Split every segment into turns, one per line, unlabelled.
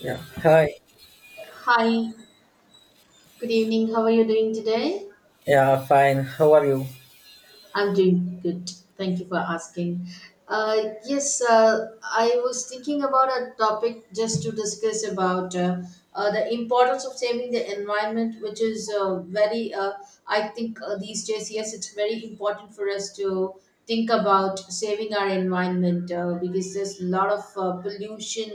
Yeah. Hi.
Hi, good evening. How are you doing today?
Yeah, fine. How are you?
I'm doing good. Thank you for asking. Yes, I was thinking about a topic just to discuss about the importance of saving the environment, which is very, I think these days, yes, it's very important for us to think about saving our environment because there's a lot of pollution,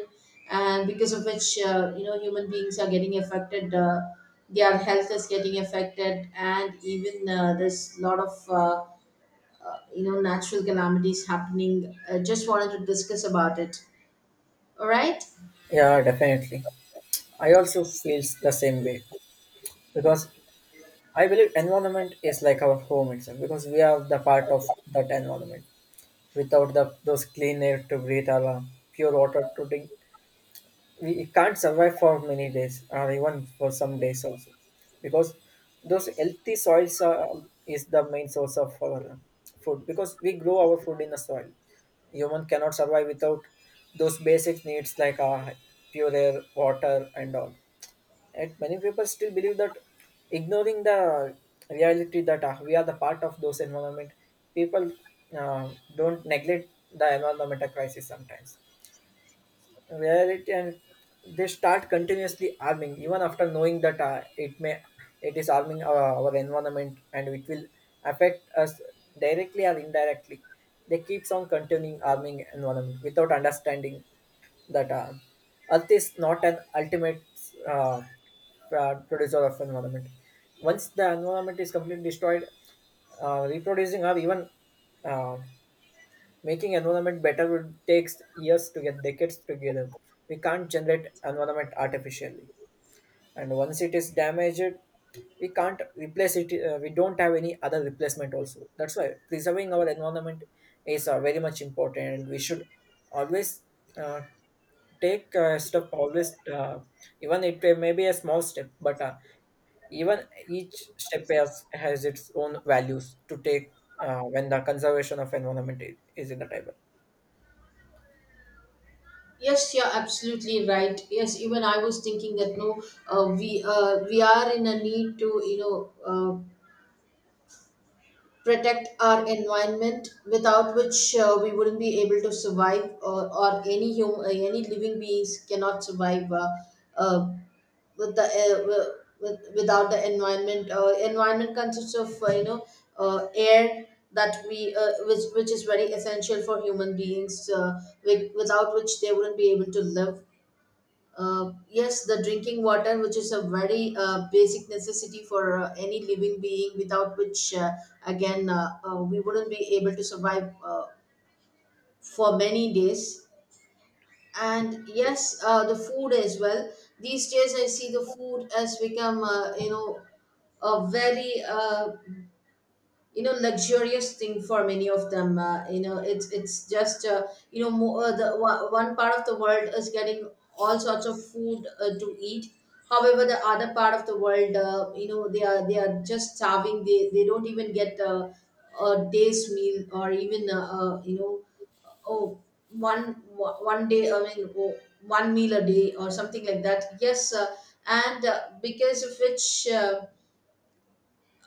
and because of which, human beings are getting affected. Their health is getting affected, and even there's a lot of natural calamities happening. I just wanted to discuss about it, all right?
Yeah, definitely. I also feels the same way because I believe environment is like our home itself because we are the part of that environment. Without the those clean air to breathe or pure water to drink, we it can't survive for many days or even for some days also because those healthy soils are, is the main source of our food because we grow our food in the soil. Human cannot survive without those basic needs like pure air water and all, and many people still believe that, ignoring the reality that we are the part of those environment, people don't neglect the environmental crisis, sometimes reality, and they start continuously harming even after knowing that it is harming our environment and it will affect us directly or indirectly. They keeps on continuing harming environment without understanding that earth is not an ultimate uh, producer of environment. Once the environment is completely destroyed, reproducing or even uh, making environment better would takes years to get decades together. We can't generate environment artificially, and once it is damaged, we can't replace it. We don't have any other replacement. Also, that's why preserving our environment is very much important, and we should always uh, take step always, even it may be a small step, but even each step has its own values to take when the conservation of environment is in the table.
Yes, you're absolutely right. Yes, even I was thinking that no, we are in a need to, protect our environment, without which we wouldn't be able to survive, or any human, any living beings cannot survive, uh, with the with without the environment. Environment consists of air that we which is very essential for human beings, with, without which they wouldn't be able to live. Yes, the drinking water, which is a very basic necessity for any living being, without which, again we wouldn't be able to survive for many days. And yes, the food as well. These days I see the food has become, a very, you know luxurious thing for many of them it's just, one part of the world is getting all sorts of food to eat. However, the other part of the world, they are just starving. They don't even get a day's meal, or even uh, you know oh one day, I mean, oh, one meal a day, or something like that. Yes, and because of which, uh,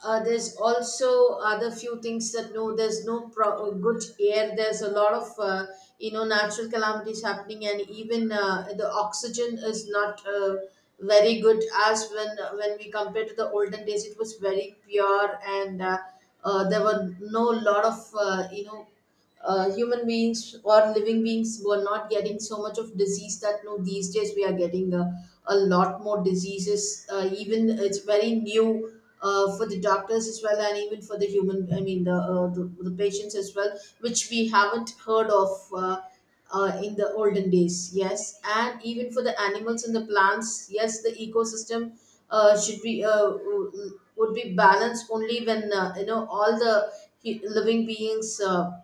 uh, there's also other few things, that no there's no good air. There's a lot of natural calamities happening, and even the oxygen is not very good as when we compare to the olden days. It was very pure. And there were no lot of human beings, or living beings were not getting so much of disease, that no these days we are getting a lot more diseases. Even it's very new, for the doctors as well, and even for the human, I mean the patients as well, which we haven't heard of in the olden days. Yes. And even for the animals and the plants, yes, the ecosystem would be balanced only when, all the living beings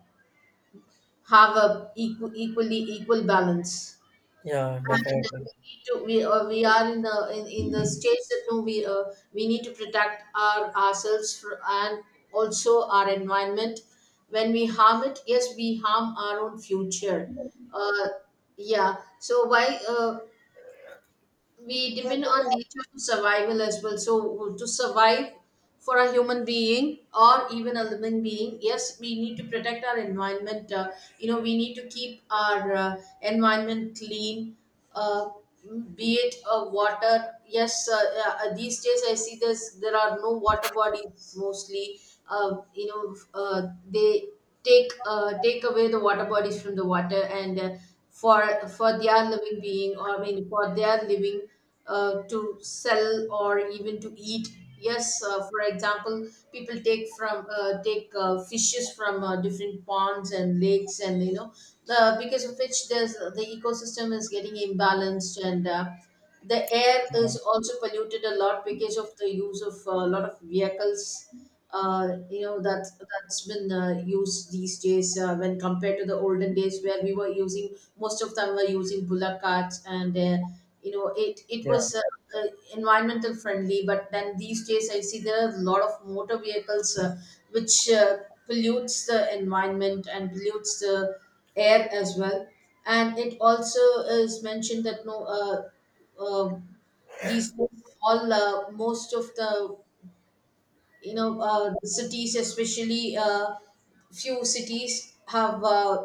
have a equal, equal balance.
Yeah,
And
definitely.
we need to we are in the in the stage that no we need to protect our ourselves, fr and also our environment. When we harm it, yes, we harm our own future. uh, yeah. So why we depend on nature to survival as well. So to survive for a human being, or even a living being, yes, we need to protect our environment. We need to keep our environment clean. uh, be it water. Yes, these days I see this, there are no water bodies mostly. uh, you know uh, they take take away the water bodies from the water, and for for their living being, or I mean for their living, to sell or even to eat. Yes, for example, people take from take fishes from different ponds and lakes, and you know, the because of which there's, the ecosystem is getting imbalanced, and the air
Yeah,
is also polluted a lot because of the use of a lot of vehicles that's been used these days, when compared to the olden days where we were using, most of them were using bullock carts, and it
yeah,
was, uh, environmental friendly. But then these days I see there are a lot of motor vehicles, which pollutes the environment, and pollutes the air as well. And it also is mentioned that no, uh, these days, all most of the, the cities, especially few cities, have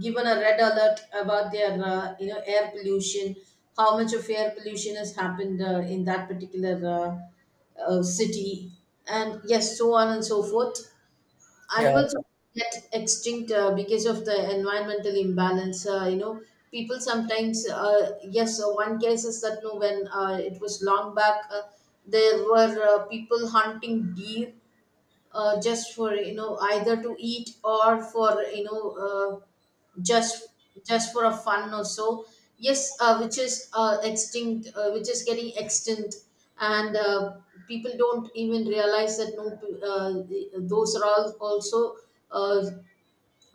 given a red alert about their, air pollution. How much of air pollution has happened in that particular city, and yes, so on and so forth.
yeah,
Animals get extinct because of the environmental imbalance. People sometimes, yes, one case is that no, when it was long back, there were people hunting deer, just for you know either to eat, or for you know, uh, just just for a fun or so. Yes, which is extinct, which is getting extinct. And people don't even realize that no, the- those are all also uh,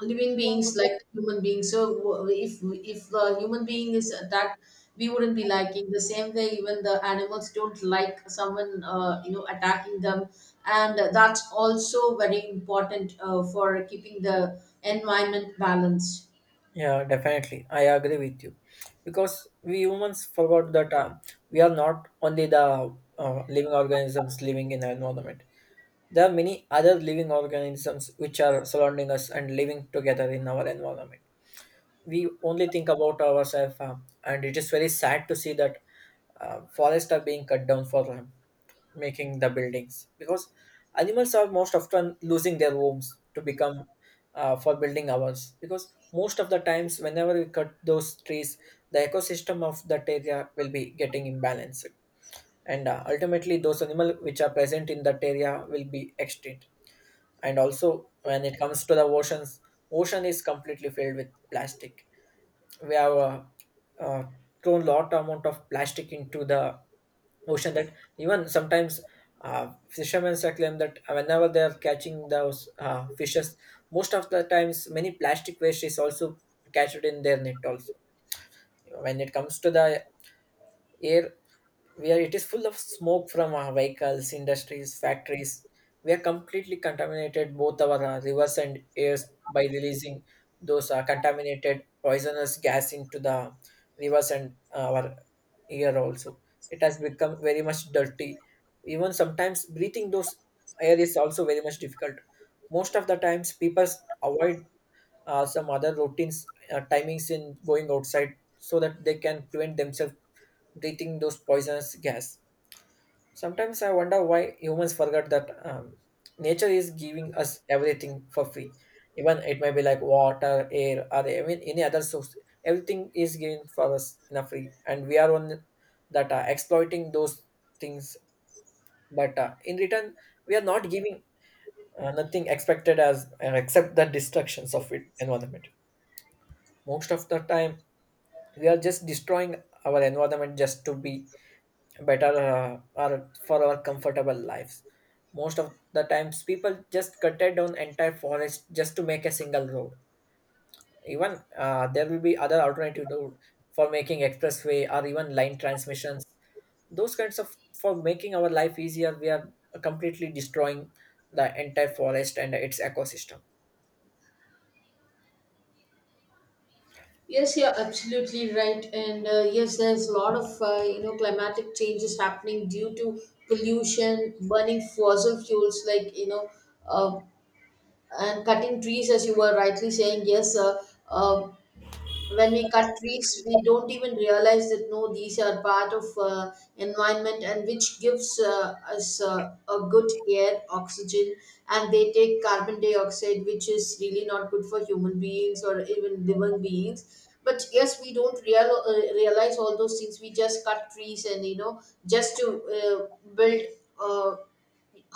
living beings like human beings. So if the human being is attacked, we wouldn't be liking the same way. Even the animals don't like someone attacking them. And that's also very important, for keeping the environment balanced.
yeah, definitely. I agree with you, because we humans forgot that we are not only the living organisms living in the environment. There are many other living organisms which are surrounding us and living together in our environment. We only think about ourselves, and it is very sad to see that forests are being cut down for making the buildings, because animals are most often losing their homes to become, for building ours, because most of the times whenever we cut those trees the ecosystem of that area will be getting imbalanced, and ultimately those animals which are present in that area will be extinct. And also when it comes to the oceans, ocean is completely filled with plastic. We have uh, thrown lot amount of plastic into the ocean, that even sometimes fishermen claim that whenever they are catching those fishes, most of the times many plastic waste is also captured in their net also. When it comes to the air, where it is full of smoke from our vehicles, industries, factories, we are completely contaminated both our rivers and airs by releasing those contaminated poisonous gas into the rivers and our air also. It has become very much dirty. Even sometimes breathing those air is also very much difficult. Most of the times people avoid some other routines, timings in going outside, so that they can prevent themselves breathing those poisonous gas. Sometimes I wonder why humans forget that, nature is giving us everything for free. Even it may be like water, air, or even any other source. Everything is given for us in a free, and we are on that exploiting those things. But in return, we are not giving nothing expected as, except the destructions of it environment. Most of the time, we are just destroying our environment just to be better, or for our comfortable lives. Most of the times people just cut it down entire forest just to make a single road, even there will be other alternative road, for making expressway or even line transmissions. Those kinds of, for making our life easier, we are completely destroying the entire forest and its ecosystem.
Yes, you're absolutely right. And yes, there's a lot of climatic changes happening due to pollution, burning fossil fuels, like you know, uh, and cutting trees, as you were rightly saying. Yes, uh, when we cut trees, we don't even realize that no these are part of environment, and which gives us a good air, oxygen. And they take carbon dioxide, which is really not good for human beings or even living beings. But yes, we don't realize all those things. We just cut trees, and you know, just to build uh,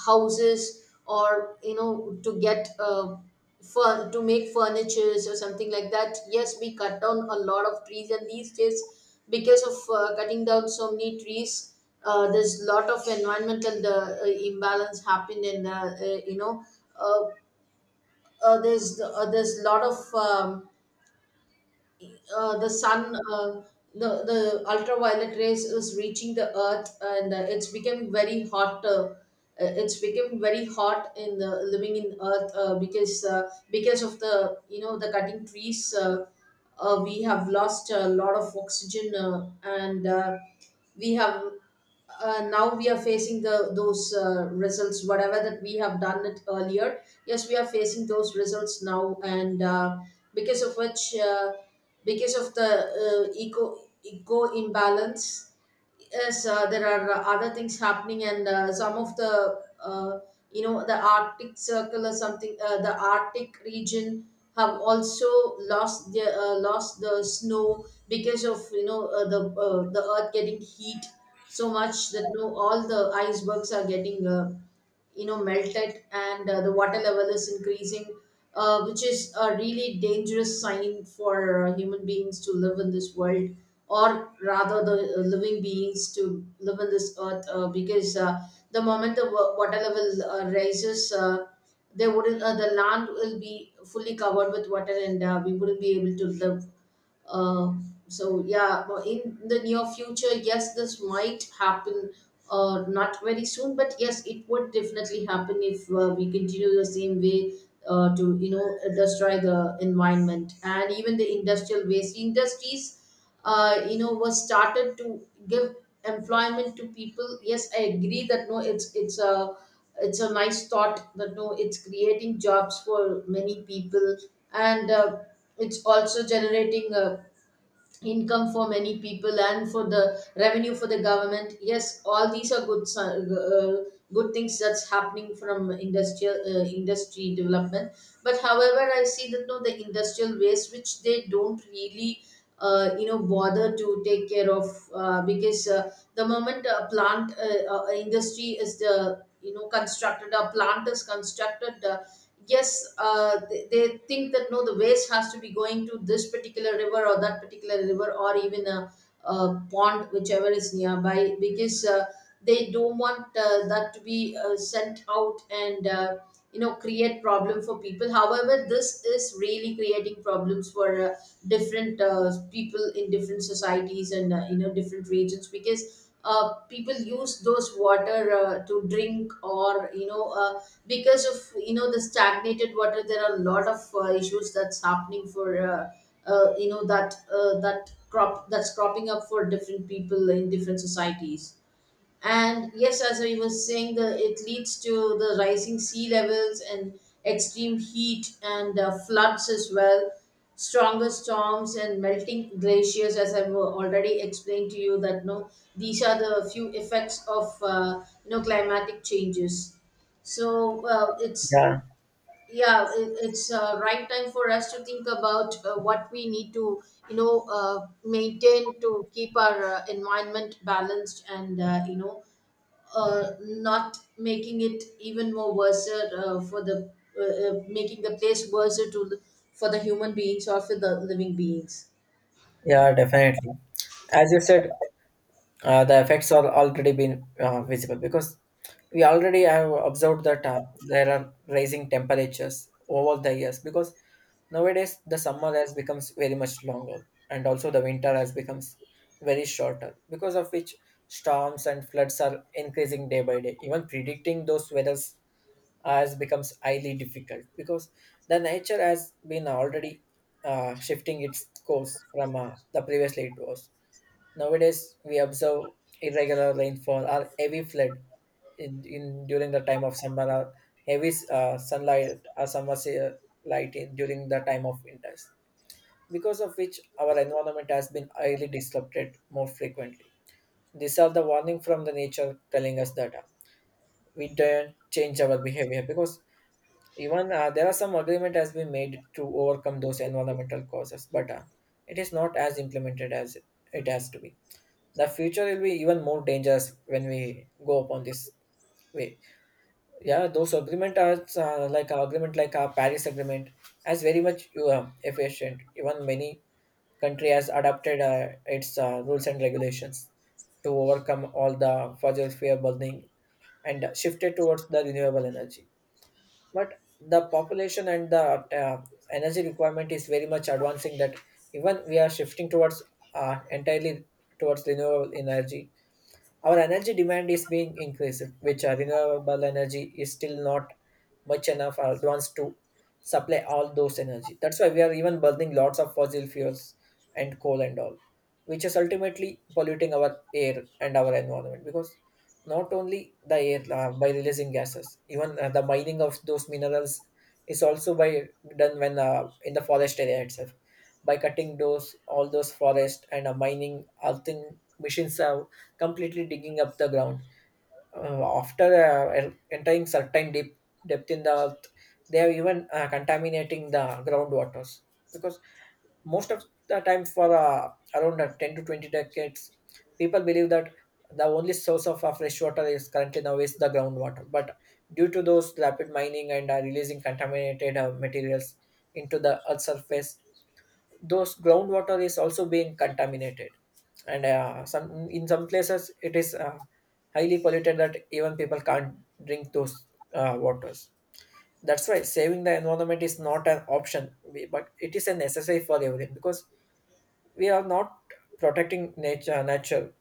houses, or you know, to get to make furnitures, or something like that. Yes, we cut down a lot of trees. And these days, because of cutting down so many trees, there's a lot of environmental, imbalance happen in, uh, there's a lot of the sun, the ultraviolet rays is reaching the earth, and it's become very hot, it's become very hot in the living in earth, because of the you know the cutting trees. Uh, we have lost a lot of oxygen. And We have, now we are facing the those results, whatever that we have done it earlier. Yes, we are facing those results now. And because of which, because of the eco imbalance, yes, there are other things happening. And some of the the arctic circle, or something, the arctic region have also lost their, lost the snow, because of you know the earth getting heat so much that you know, all the icebergs are getting melted. And the water level is increasing, which is a really dangerous sign for human beings to live in this world, or rather the living beings to live in this earth. Because The moment the water level rises, there wouldn't, the land will be fully covered with water, and we wouldn't be able to live. uh, so yeah, well, in the near future, yes, this might happen. Not very soon, but yes, it would definitely happen if we continue the same way to destroy the environment. And even the industrial waste industries was started to give employment to people. Yes, I agree that no, it's a it's a nice thought that no, it's creating jobs for many people. And it's also generating income for many people and for the revenue for the government. Yes, all these are good good things that's happening from industrial industry development. But however, I see that no, the industrial waste which they don't really bother to take care of, because the moment a plant industry is the you know constructed, a plant is constructed, yes, they think that no, the waste has to be going to this particular river or that particular river, or even a pond whichever is nearby, because they don't want that to be sent out. And create problem for people. However, this is really creating problems for different people in different societies, and different regions, because people use those water to drink, or because of you know the stagnated water, there are a lot of issues that's happening for that that crop, that's cropping up for different people in different societies. And yes, as I was saying, the it leads to the rising sea levels and extreme heat and floods as well, stronger storms and melting glaciers. As I've already explained to you, that no, these are the few effects of climatic changes. So it's
Yeah,
yeah, it's right time for us to think about what we need to maintain to keep our environment balanced. And uh, you know uh, not making it even more worse for the making the place worse to for the human beings or for the living beings.
yeah, definitely. As you said, the effects are already been visible, because we already have observed that there are rising temperatures over the years, because nowadays the summer has becomes very much longer, and also the winter has becomes very shorter, because of which storms and floods are increasing day by day. Even predicting those weathers has becomes highly difficult, because the nature has been already shifting its course from the previously it was. Nowadays, we observe irregular rainfall or heavy flood in during the time of summer, or heavy sunlight or summer light in, during the time of winters, because of which our environment has been highly disrupted more frequently. These are the warning from the nature telling us that, we don't change our behavior, because even there are some agreement has been made to overcome those environmental causes, but it is not as implemented as it has to be. The future will be even more dangerous when we go upon this way. Yeah, those agreement are like our agreement, like our Paris agreement, as very much efficient. Even many country has adopted its rules and regulations to overcome all the fossil fuel burning and shifted towards the renewable energy. But the population and the uh, energy requirement is very much advancing, that even we are shifting towards entirely towards renewable energy. Our energy demand is being increased, which our renewable energy is still not much enough or advanced to supply all those energy. That's why we are even burning lots of fossil fuels and coal and all, which is ultimately polluting our air and our environment, because not only the air by releasing gases, even the mining of those minerals is also by done when in the forest area itself, by cutting those, all those forests, and mining, all thing machines are completely digging up the ground. After entering certain deep depth in the earth, they are even contaminating the groundwaters, because most of the time for around 10 to 20 decades, people believe that the only source of fresh water is currently now is the groundwater. But due to those rapid mining and releasing contaminated materials into the earth surface, those groundwater is also being contaminated, and some, in some places it is highly polluted that even people can't drink those waters. That's why saving the environment is not an option, but it is a necessary for everything, because we are not protecting Nature,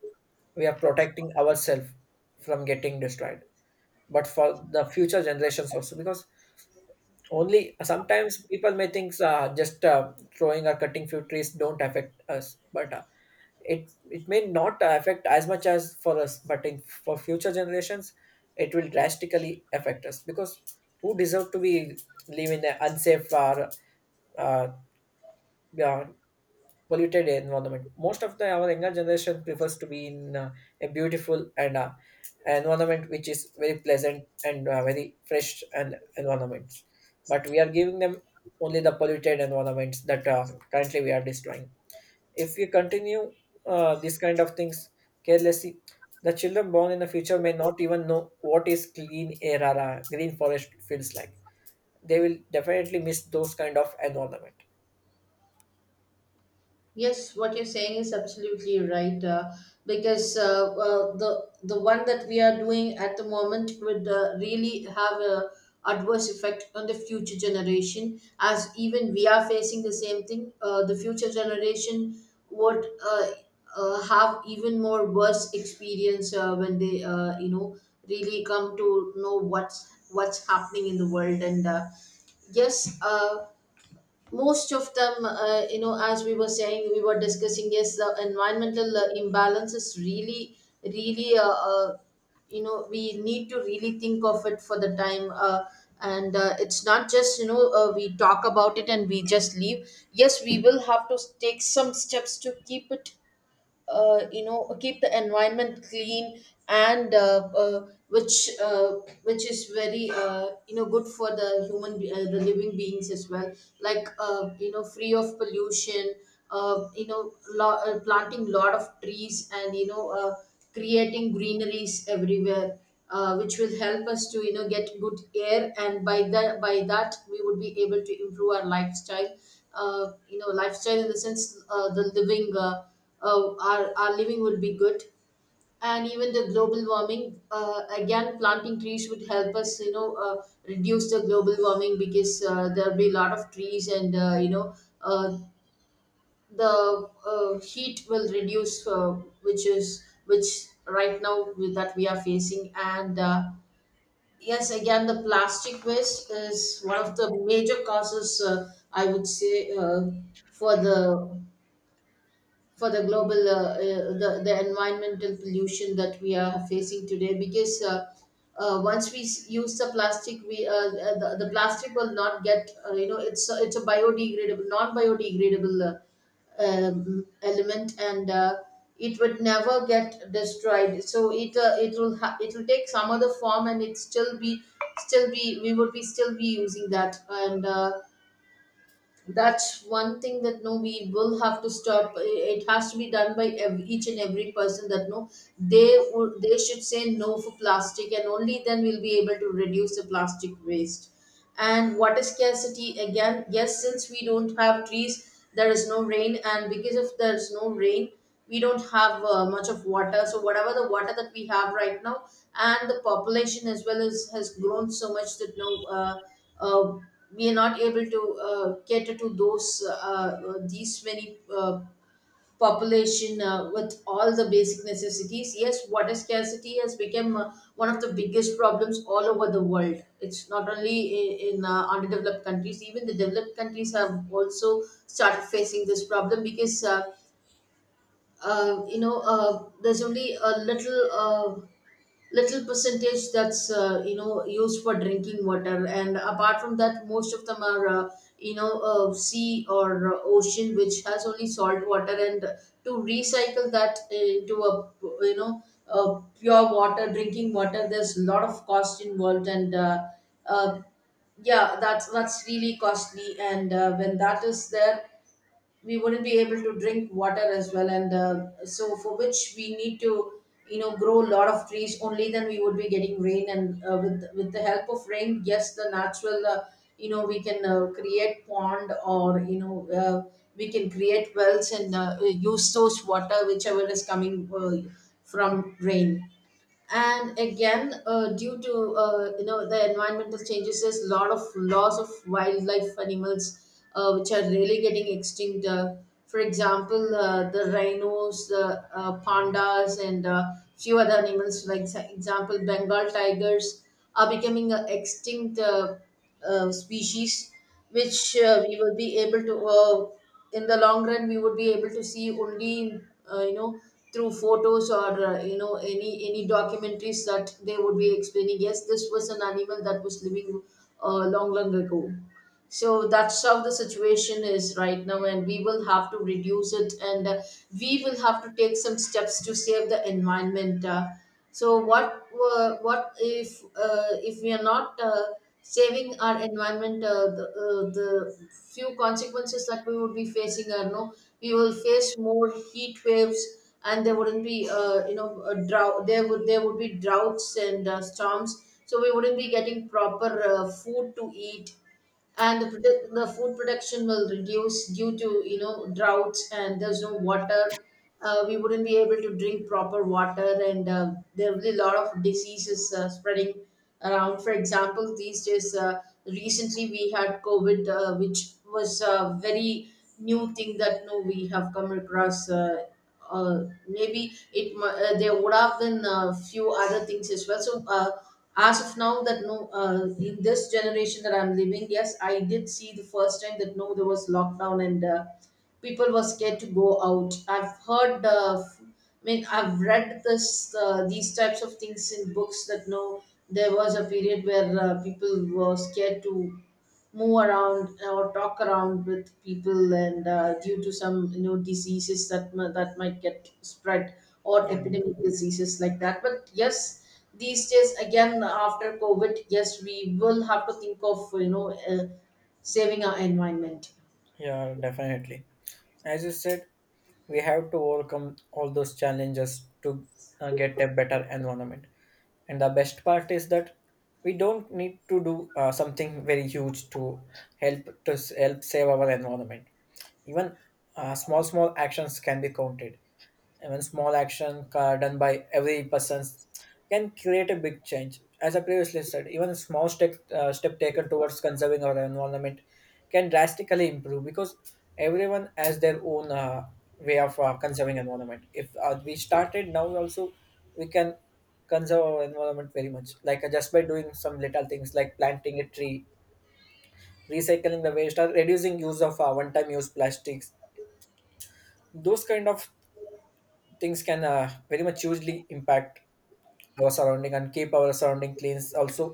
we are protecting ourselves from getting destroyed, but for the future generations also, because only sometimes people may think just throwing or cutting few trees don't affect us, but it may not affect as much as for us, but in for future generations it will drastically affect us, because who deserve to be live in an unsafe or uh, yeah, polluted environment. Most of the our younger generation prefers to be in a beautiful and environment which is very pleasant and very fresh and environments, but we are giving them only the polluted environments that currently we are destroying. If we continue this kind of things carelessly, the children born in the future may not even know what is clean air or green forest feels like. They will definitely miss those kind of environment.
Yes, what you're saying is absolutely right. Because the one that we are doing at the moment would really have a adverse effect on the future generation. As even we are facing the same thing, the future generation would have even more worse experience when they really come to know what's happening in the world and. Yes, most of them as we were saying, we were discussing, yes the environmental imbalance is really really we need to really think of it for the time. And it's not just we talk about it and we just leave. Yes, we will have to take some steps to keep it keep the environment clean and which is very good for the the living beings as well, like free of pollution, planting lot of trees, and creating greeneries everywhere, which will help us to you know get good air. And by that we would be able to improve our lifestyle, you know lifestyle in the sense the living our living will be good. And even the global warming, again planting trees would help us you know reduce the global warming, because there'll be a lot of trees, and uh, the heat will reduce, which is which right now with- that we are facing. And yes, again the plastic waste is one of the major causes, I would say, for the for the global the environmental pollution that we are facing today. Because once we s- use the plastic, we the plastic will not get it's a biodegradable non biodegradable element. And it would never get destroyed, so it it will ha- it will take some other form, and it still be we would be still be using that. And that's one thing that no, we will have to stop. It has to be done by ev each and every person that no, they would they should say no for plastic, and only then we'll be able to reduce the plastic waste. And water scarcity, again, yes, since we don't have trees, there is no rain, and because of there's no rain, we don't have much of water. So whatever the water that we have right now, and the population as well as has grown so much that now uh, uh, we are not able to cater to those these many population with all the basic necessities. Yes, water scarcity has become one of the biggest problems all over the world. It's not only in underdeveloped countries, even the developed countries have also started facing this problem. Because there's only a little little percentage that's used for drinking water, and apart from that, most of them are sea or ocean, which has only salt water, and to recycle that into a you know a pure water, drinking water, there's a lot of cost involved, and uh, yeah, that's really costly. And when that is there, we wouldn't be able to drink water as well. And so for which we need to you know grow a lot of trees. Only then we would be getting rain, and with the help of rain, yes, the natural we can create pond, or we can create wells, and use those water whichever is coming from rain. And again, due to the environmental changes, there's a lot of loss of wildlife animals, which are really getting extinct. For example, the rhinos, the pandas, and few other animals like exa- example Bengal tigers are becoming a extinct species, which we will be able to in the long run we would be able to see only uh, you know through photos, or any documentaries that they would be explaining. Yes, this was an animal that was living long long ago. So that's how the situation is right now, and we will have to reduce it. And we will have to take some steps to save the environment. So what if we are not saving our environment, the few consequences that we would be facing are no, we will face more heat waves, and there wouldn't be a drought. There would there would be droughts and storms, so we wouldn't be getting proper food to eat, and the, produ- the food production will reduce due to you know droughts and there's no water. We wouldn't be able to drink proper water. And there will be a lot of diseases spreading around. For example, these days, recently we had COVID, which was a very new thing that no, we have come across. Uh, Maybe it mu- there would have been a few other things as well. So as of now that no, in this generation that I'm living, yes I did see the first time that no, there was lockdown, and people were scared to go out. I've heard I mean I've read this these types of things in books that no, there was a period where people were scared to move around or talk around with people, and due to some you know diseases that m- that might get spread, or
Yeah,
epidemic diseases like that. But yes, these days again after COVID, yes, we will have to think of you know saving our environment.
yeah, definitely. As you said, we have to overcome all those challenges to get a better environment. And the best part is that we don't need to do something very huge to help to help save our environment. Even small small actions can be counted. Even small action done by every person can create a big change. As I previously said, even a small step taken towards conserving our environment can drastically improve, because everyone has their own way of conserving environment. If we started now also, we can conserve our environment very much, like just by doing some little things like planting a tree, recycling the waste, or reducing use of one time use plastics. Those kind of things can very much hugely impact our surrounding and keep our surrounding clean, also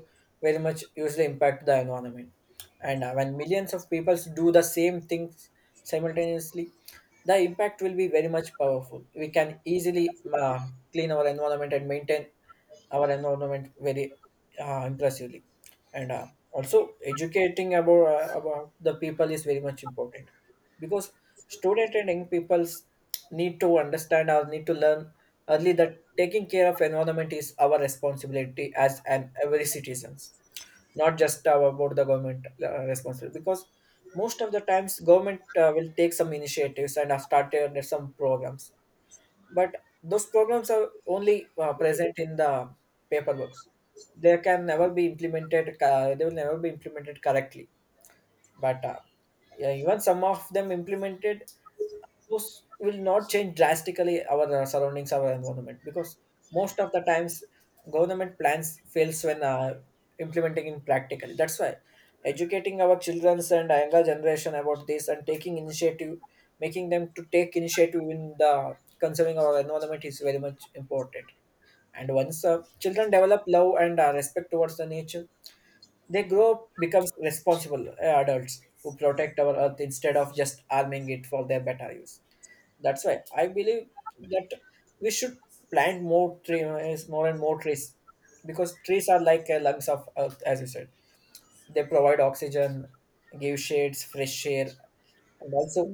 very much usually impact the environment. And when millions of people do the same things simultaneously, the impact will be very much powerful. We can easily clean our environment and maintain our environment very impressively. And also educating about, about the people is very much important, because student and young peoples need to understand or need to learn early that taking care of environment is our responsibility as an every citizens, not just about the government responsibility. Because most of the times, government will take some initiatives and have started some programs, but those programs are only present in the paper books. They can never be implemented. They will never be implemented correctly. But yeah, even some of them implemented those will not change drastically our surroundings, our environment, because most of the times government plans fails when implementing in practically. That's why educating our children and younger generation about this and taking initiative, making them to take initiative in the conserving our environment, is very much important. And once children develop love and respect towards the nature, they grow up becomes responsible adults who protect our earth instead of just arming it for their better use. That's why I believe that we should plant more trees, more and more trees, because trees are like lungs of earth, as you said. They provide oxygen, give shades, fresh air, and also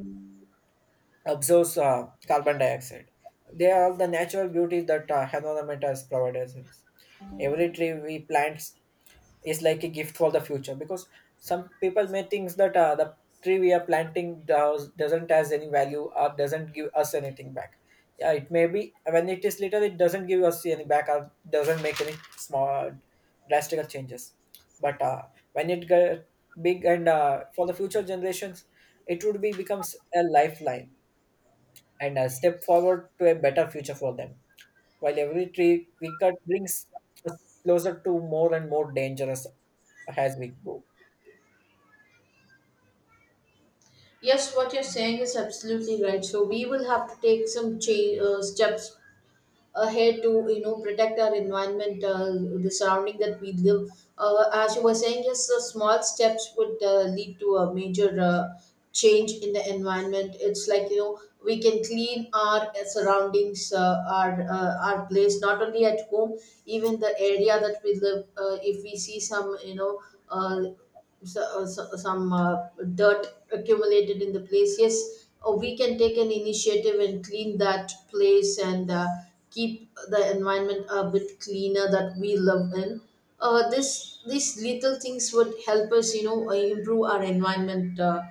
absorbs carbon dioxide. They are the natural beauty that environment has provided us. Every tree we plant is like a gift for the future, because some people may think that the tree we are planting doesn't has any value or doesn't give us anything back. Yeah, it may be when it is little, it doesn't give us any back or doesn't make any small drastic changes. But when it get big, and for the future generations, it would be becomes a lifeline and a step forward to a better future for them, while every tree we cut brings us closer to more and more dangerous as we go.
Yes, what you're saying is absolutely right. So we will have to take some steps ahead to you know protect our environment, the surrounding that we live. As you were saying, yes, so small steps would lead to a major change in the environment. It's like you know we can clean our surroundings, our place, not only at home, even the area that we live. If we see some uh, some dirt accumulated in the place, yes, we can take an initiative and clean that place, and keep the environment a bit cleaner that we live in. This these little things would help us, improve our environment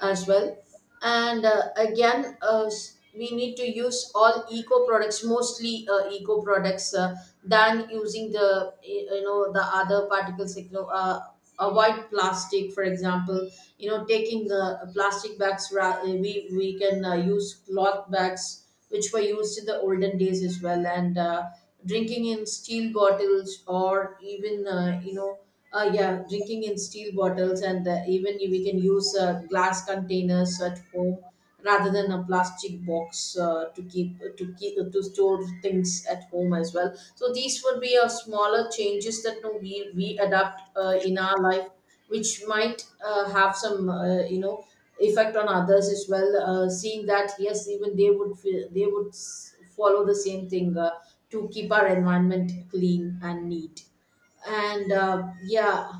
as well. And again s- we need to use all eco products, mostly eco products, than using the y- you know the other particles like, avoid plastic. For example, you know taking plastic bags ra- we can use cloth bags which were used in the olden days as well, and drinking in steel bottles, or even yeah drinking in steel bottles, and even we can use glass containers at home rather than a plastic box to keep to keep to store things at home as well. So these would be a smaller changes that no, we adapt in our life, which might have some effect on others as well, seeing that yes even they would feel, they would s- follow the same thing to keep our environment clean and neat. And yeah,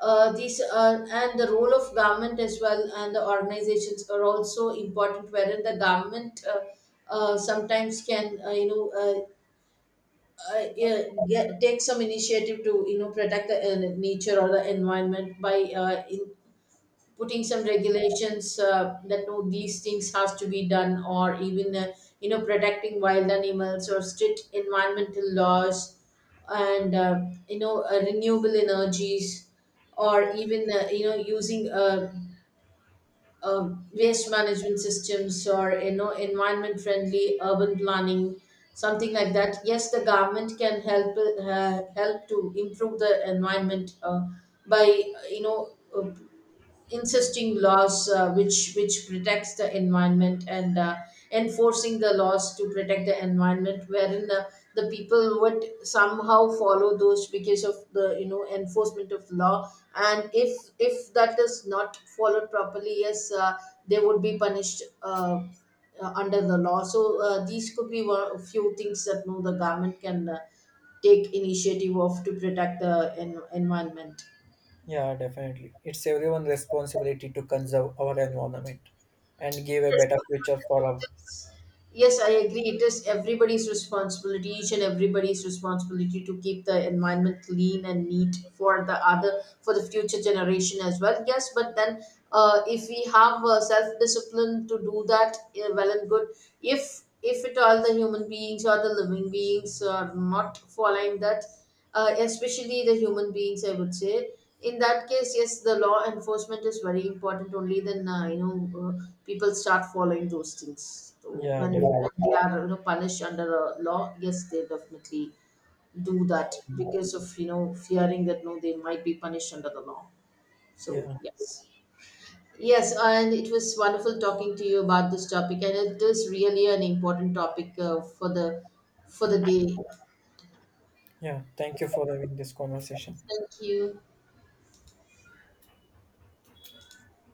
these and the role of government as well, and the organizations are also important, wherein the government sometimes can yeah, get, take some initiative to you know protect the nature or the environment, by in putting some regulations that no these things have to be done, or even protecting wild animals or strict environmental laws, and renewable energies, or even using waste management systems, or you know environment friendly urban planning, something like that. Yes, the government can help help to improve the environment, by uh, you know uh, insisting laws which protects the environment, and enforcing the laws to protect the environment, wherein the people would somehow follow those because of the you know enforcement of law. And if that is not followed properly, yes, they would be punished, under the law. So these could be one, a few things that no the government can take initiative of to protect the en- environment.
Yeah, definitely. It's everyone's responsibility to conserve our environment and give a
Yes.
better future for our.
Yes, I agree. It is everybody's responsibility, each and everybody's responsibility to keep the environment clean and neat for the other, for the future generation as well. Yes, but then if we have self discipline to do that, well and good. If at all the human beings or the living beings are not following that, especially the human beings, I would say. In that case, yes, the law enforcement is very important. Only then, people start following those things. So,
Yeah, definitely.
when they are you know punished under a law, yes they definitely do that because of you know fearing that no they might be punished under the law. So
Yeah,
yes. Yes, and it was wonderful talking to you about this topic, and it is really an important topic for the day.
yeah. Thank you for having this conversation.
Thank you.